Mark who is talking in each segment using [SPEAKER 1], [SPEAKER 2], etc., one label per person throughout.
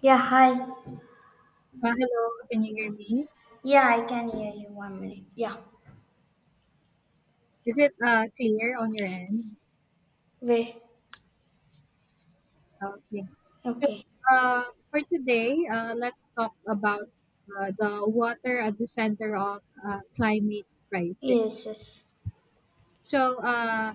[SPEAKER 1] Yeah, hi.
[SPEAKER 2] Hello, can you hear me?
[SPEAKER 1] Yeah, I can hear you. One minute. Yeah.
[SPEAKER 2] Is it clear on your end?
[SPEAKER 1] Wait.
[SPEAKER 2] Okay. So
[SPEAKER 1] Okay.
[SPEAKER 2] uh, for today, let's talk about the water at the center of climate crisis.
[SPEAKER 1] Yes, yes.
[SPEAKER 2] So uh,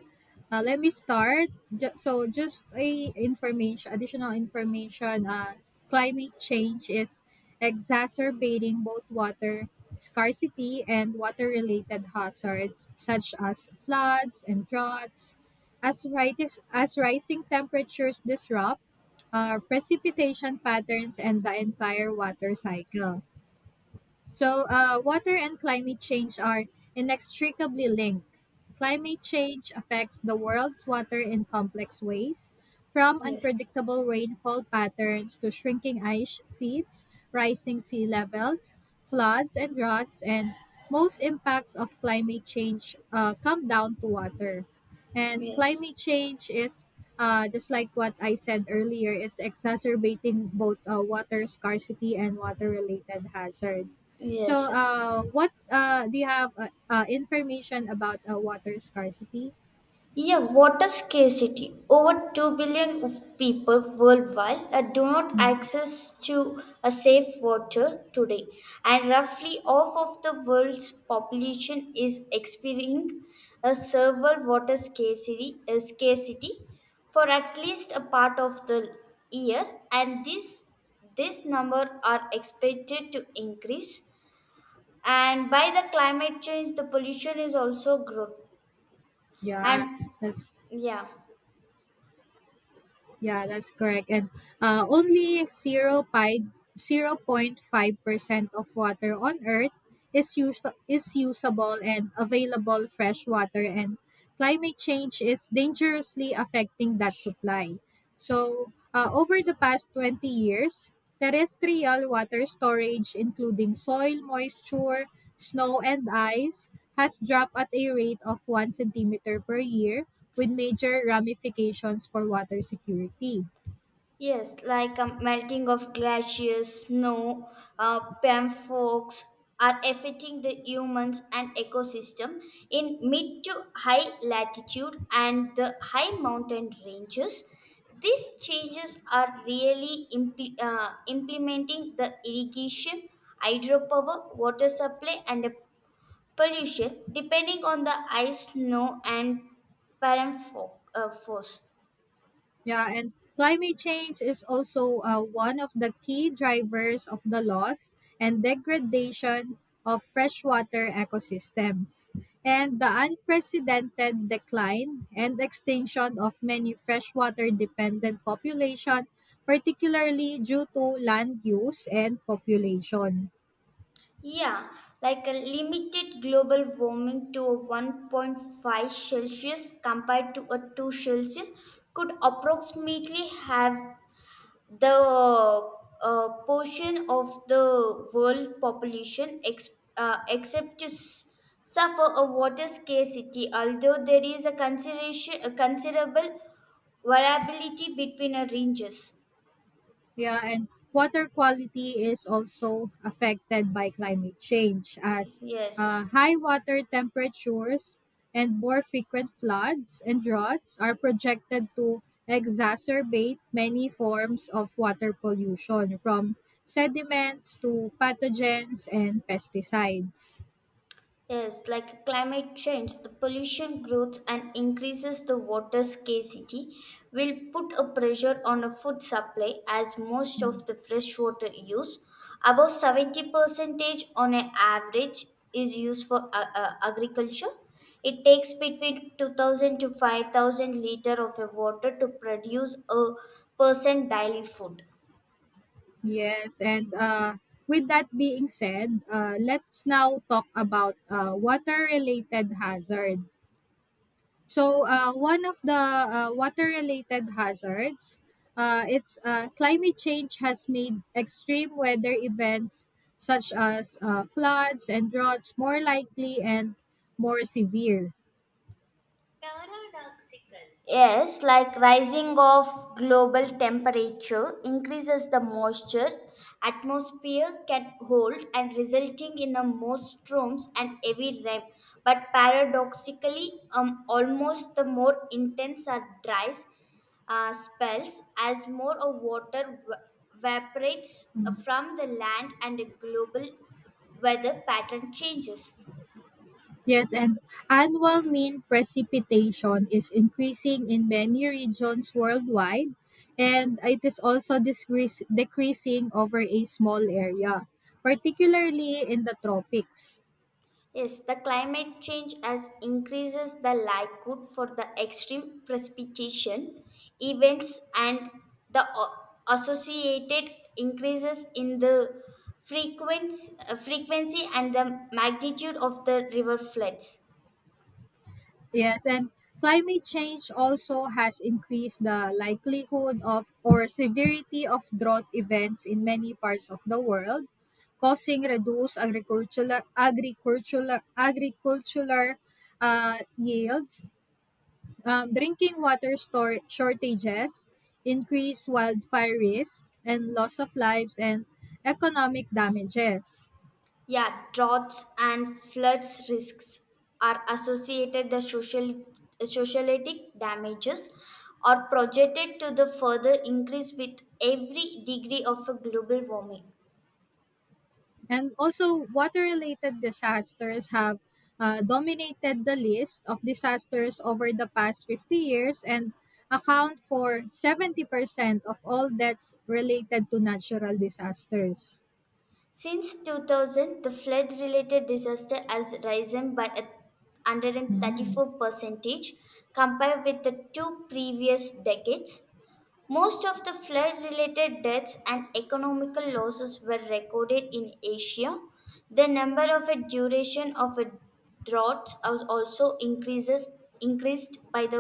[SPEAKER 2] uh, let me start. So just a information, additional information. Climate change is exacerbating both water scarcity and water-related hazards such as floods and droughts. As rising temperatures disrupt precipitation patterns and the entire water cycle. So, water and climate change are inextricably linked. Climate change affects the world's water in complex ways, from
[SPEAKER 1] Yes.
[SPEAKER 2] unpredictable rainfall patterns to shrinking ice sheets, rising sea levels, floods and droughts, and most impacts of climate change come down to water. And
[SPEAKER 1] Yes.
[SPEAKER 2] climate change is just like what I said earlier, it's exacerbating both water scarcity and water related hazard. So,
[SPEAKER 1] Yes, yes.
[SPEAKER 2] what do you have information about water scarcity?
[SPEAKER 1] Yeah, water scarcity. Over 2 billion of people worldwide do not
[SPEAKER 2] Mm.
[SPEAKER 1] access to a safe water today, and roughly half of the world's population is experiencing a severe water scarcity for at least a part of the year, and this number are expected to increase. And by the climate change, the pollution is also growing.
[SPEAKER 2] Yeah,
[SPEAKER 1] And
[SPEAKER 2] that's
[SPEAKER 1] yeah.
[SPEAKER 2] Yeah, that's correct. And only 0.5% of water on Earth is usable and available fresh water, and climate change is dangerously affecting that supply. So, over the past 20 years, terrestrial water storage, including soil moisture, snow, and ice, has dropped at a rate of 1 centimeter per year with major ramifications for water security.
[SPEAKER 1] Yes, like melting of glaciers, snow, pamphorks are affecting the humans and ecosystem in mid to high latitude and the high mountain ranges. These changes are really implementing the irrigation, hydropower, water supply, and the pollution depending on the ice, snow, and force.
[SPEAKER 2] Yeah, and climate change is also one of the key drivers of the loss and degradation of freshwater ecosystems. And the unprecedented decline and extinction of many freshwater dependent population, particularly due to land use and population.
[SPEAKER 1] Yeah, like a limited global warming to a 1.5 Celsius compared to a 2 Celsius could approximately have the portion of the world population uh, except to s- suffer a water scarcity, although there is a considerable variability between the ranges.
[SPEAKER 2] Yeah, and water quality is also affected by climate change as
[SPEAKER 1] Yes.
[SPEAKER 2] high water temperatures and more frequent floods and droughts are projected to exacerbate many forms of water pollution from sediments to pathogens and pesticides.
[SPEAKER 1] Yes, like climate change, the pollution grows and increases the water scarcity, will put a pressure on the food supply as most of the fresh water use, about 70 percentage on an average, is used for agriculture. It takes between 2,000 to 5,000 liter of a water to produce a person daily food.
[SPEAKER 2] Yes, and with that being said, let's now talk about water related hazard. So one of the water-related hazards, it's climate change has made extreme weather events such as floods and droughts more likely and more severe.
[SPEAKER 1] Yes, like rising of global temperature increases the moisture atmosphere can hold and resulting in a more storms and heavy rain. But paradoxically, almost the more intense are dry spells as more of water evaporates from the land and the global weather pattern changes.
[SPEAKER 2] Yes, and annual mean precipitation is increasing in many regions worldwide, and it is also decreasing over a small area, particularly in the tropics.
[SPEAKER 1] Yes, the climate change has increases the likelihood for the extreme precipitation events and the associated increases in the frequency and the magnitude of the river floods.
[SPEAKER 2] Yes, and climate change also has increased the likelihood of or severity of drought events in many parts of the world, causing reduced agricultural yields, drinking water store shortages, increased wildfire risk, and loss of lives and economic damages.
[SPEAKER 1] Yeah, droughts and floods risks are associated the socialitic damages are projected to the further increase with every degree of a global warming.
[SPEAKER 2] And also, water-related disasters have dominated the list of disasters over the past 50 years and account for 70% of all deaths related to natural disasters.
[SPEAKER 1] Since 2000, the flood related disaster has risen by a 134 percentage compared with the two previous decades. Most of the flood related deaths and economical losses were recorded in Asia. The number of a duration of a drought also increases increased by the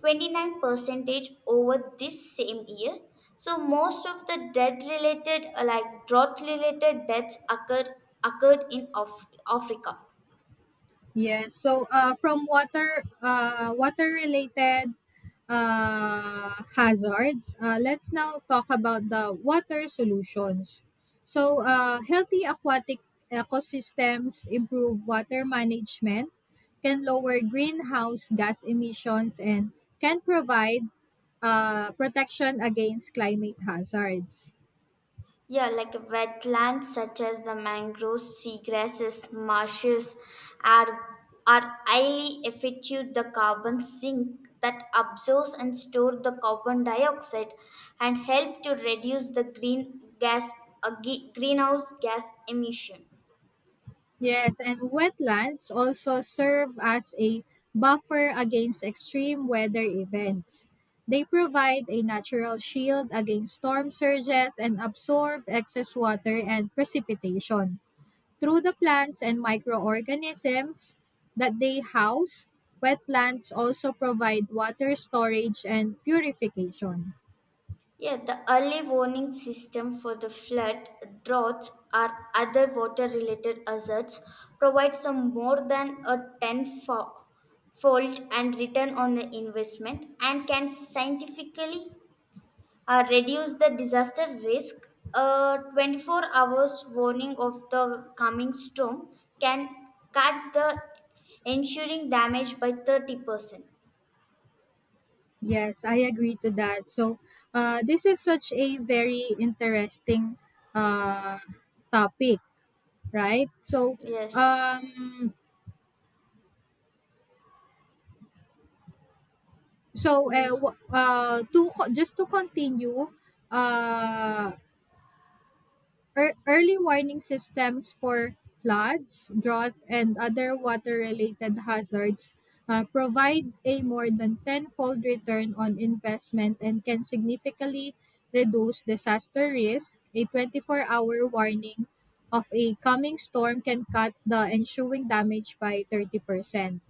[SPEAKER 1] 29 percentage over this same year. So most of the death related like drought related deaths occurred in Africa.
[SPEAKER 2] Yes. So from water water related hazards, let's now talk about the water solutions. So healthy aquatic ecosystems improve water management, can lower greenhouse gas emissions, and can provide protection against climate hazards.
[SPEAKER 1] Yeah, like wetlands such as the mangroves, seagrasses, marshes are are highly effective the carbon sink that absorbs and stores the carbon dioxide and help to reduce the greenhouse gas emission.
[SPEAKER 2] Yes, and wetlands also serve as a buffer against extreme weather events. They provide a natural shield against storm surges and absorb excess water and precipitation. Through the plants and microorganisms that they house, wetlands also provide water storage and purification.
[SPEAKER 1] Yeah, the early warning system for the flood, droughts, or other water related hazards provides some more than a tenfold and return on the investment and can scientifically reduce the disaster risk. A 24 hours warning of the coming storm can cut the ensuring damage by 30%.
[SPEAKER 2] Yes, I agree to that. So, this is such a very interesting uh, topic, right? So,
[SPEAKER 1] Yes.
[SPEAKER 2] um, so
[SPEAKER 1] Yeah.
[SPEAKER 2] just to continue, uh, early warning systems for floods, drought, and other water-related hazards provide a more than tenfold return on investment and can significantly reduce disaster risk. A 24-hour warning of a coming storm can cut the ensuing damage by 30%.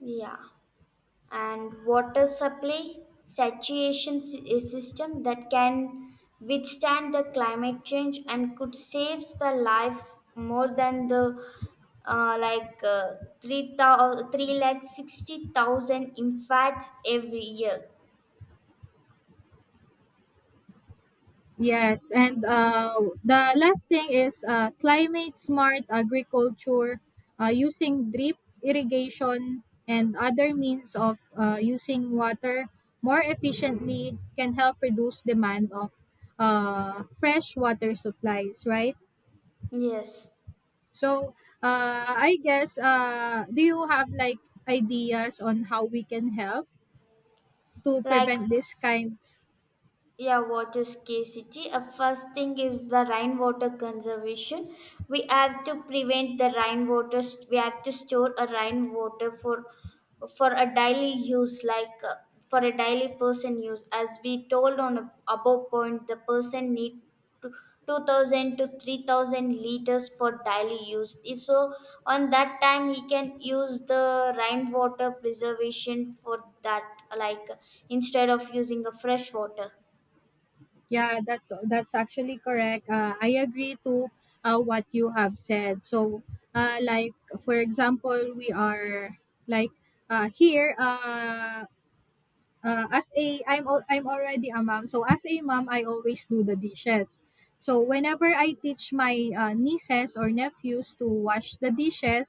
[SPEAKER 1] Yeah. And water supply saturation system that can withstand the climate change and could saves the life more than the like 3 lakh 60,000 infants every year.
[SPEAKER 2] Yes, and the last thing is climate smart agriculture using drip irrigation and other means of using water more efficiently can help reduce demand of fresh water supplies, right?
[SPEAKER 1] Yes.
[SPEAKER 2] So I guess do you have like ideas on how we can help to
[SPEAKER 1] Like
[SPEAKER 2] prevent this kind.
[SPEAKER 1] yeah water scarcity a first thing is the rainwater conservation. We have to prevent the rainwater. We have to store a rainwater for a daily use like for a daily person use as we told on a, above point the person need to 2,000 to 3,000 liters for daily use. So on that time he can use the rainwater preservation for that like instead of using a fresh water.
[SPEAKER 2] Yeah, that's actually correct. I agree to what you have said. So, like for example, we are like here. As a I'm already a mom. So as a mom, I always do the dishes. So whenever I teach my nieces or nephews to wash the dishes,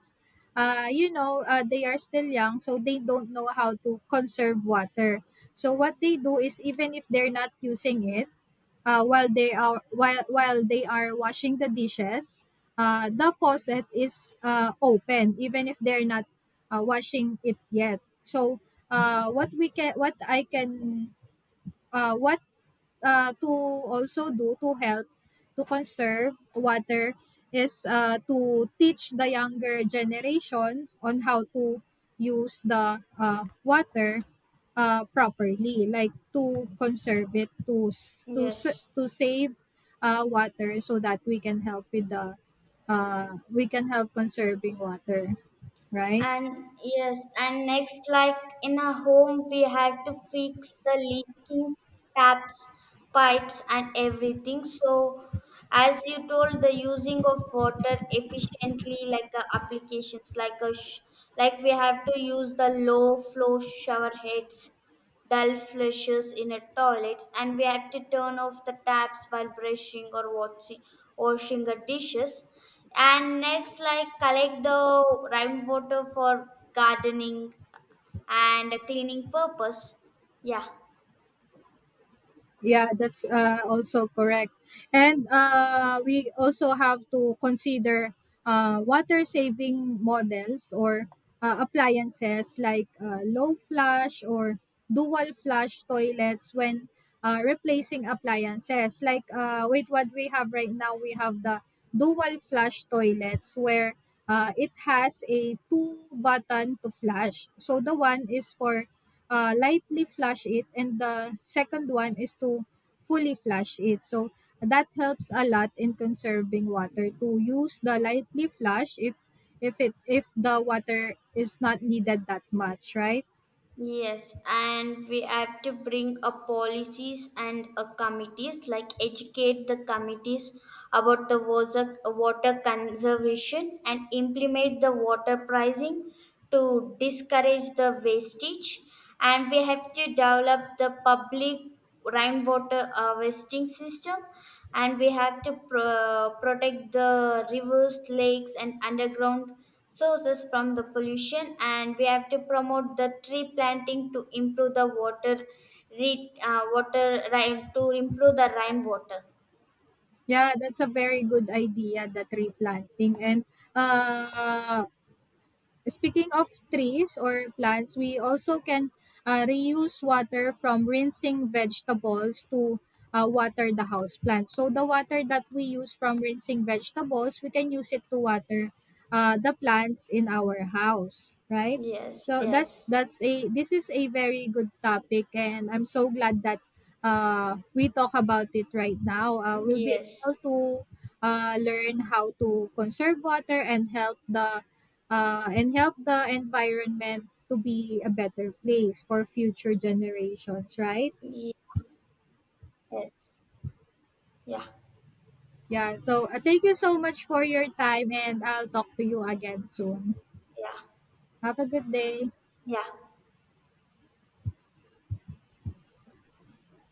[SPEAKER 2] they are still young, so they don't know how to conserve water. So what they do is even if they're not using it while they are while they are washing the dishes, the faucet is open even if they're not washing it yet. So what we can what I can what to also do to help to conserve water is to teach the younger generation on how to use the water properly, like to conserve it,
[SPEAKER 1] Yes.
[SPEAKER 2] to save water so that we can help with the we can help conserving water, right?
[SPEAKER 1] And yes, and next, like in a home, we had to fix the leaking taps, pipes, and everything. So, as you told, the using of water efficiently, like applications, like we have to use the low flow shower heads dull flushes in our toilets, and we have to turn off the taps while brushing or watching, washing the dishes. And next, like collect the rainwater for gardening and cleaning purpose. Yeah.
[SPEAKER 2] Yeah, that's also correct. And we also have to consider water saving models or appliances like low flush or dual flush toilets when replacing appliances. Like with what we have right now, we have the dual flush toilets where it has a two button to flash. So the one is for lightly flash it and the second one is to fully flash it. So that helps a lot in conserving water, to use the lightly flash if the water is not needed that much, right?
[SPEAKER 1] Yes, and we have to bring up policies and committees, like educate the committees about the water conservation and implement the water pricing to discourage the wastage, and we have to develop the public rainwater harvesting system, and we have to protect the rivers lakes and underground sources from the pollution, and we have to promote the tree planting to improve the water rain to improve the rainwater.
[SPEAKER 2] Yeah, that's a very good idea, the tree planting. And uh, speaking of trees or plants, we also can reuse water from rinsing vegetables to water the house plants. So the water that we use from rinsing vegetables, we can use it to water the plants in our house, right?
[SPEAKER 1] Yes.
[SPEAKER 2] So
[SPEAKER 1] Yes.
[SPEAKER 2] that's a this is a very good topic, and I'm so glad that we talk about it right now. We'll be
[SPEAKER 1] Yes.
[SPEAKER 2] able to learn how to conserve water and help the environment to be a better place for future generations, right?
[SPEAKER 1] ye- yes. Yeah.
[SPEAKER 2] Yeah, so thank you so much for your time and I'll talk to you again soon.
[SPEAKER 1] Yeah.
[SPEAKER 2] Have a good day.
[SPEAKER 1] Yeah.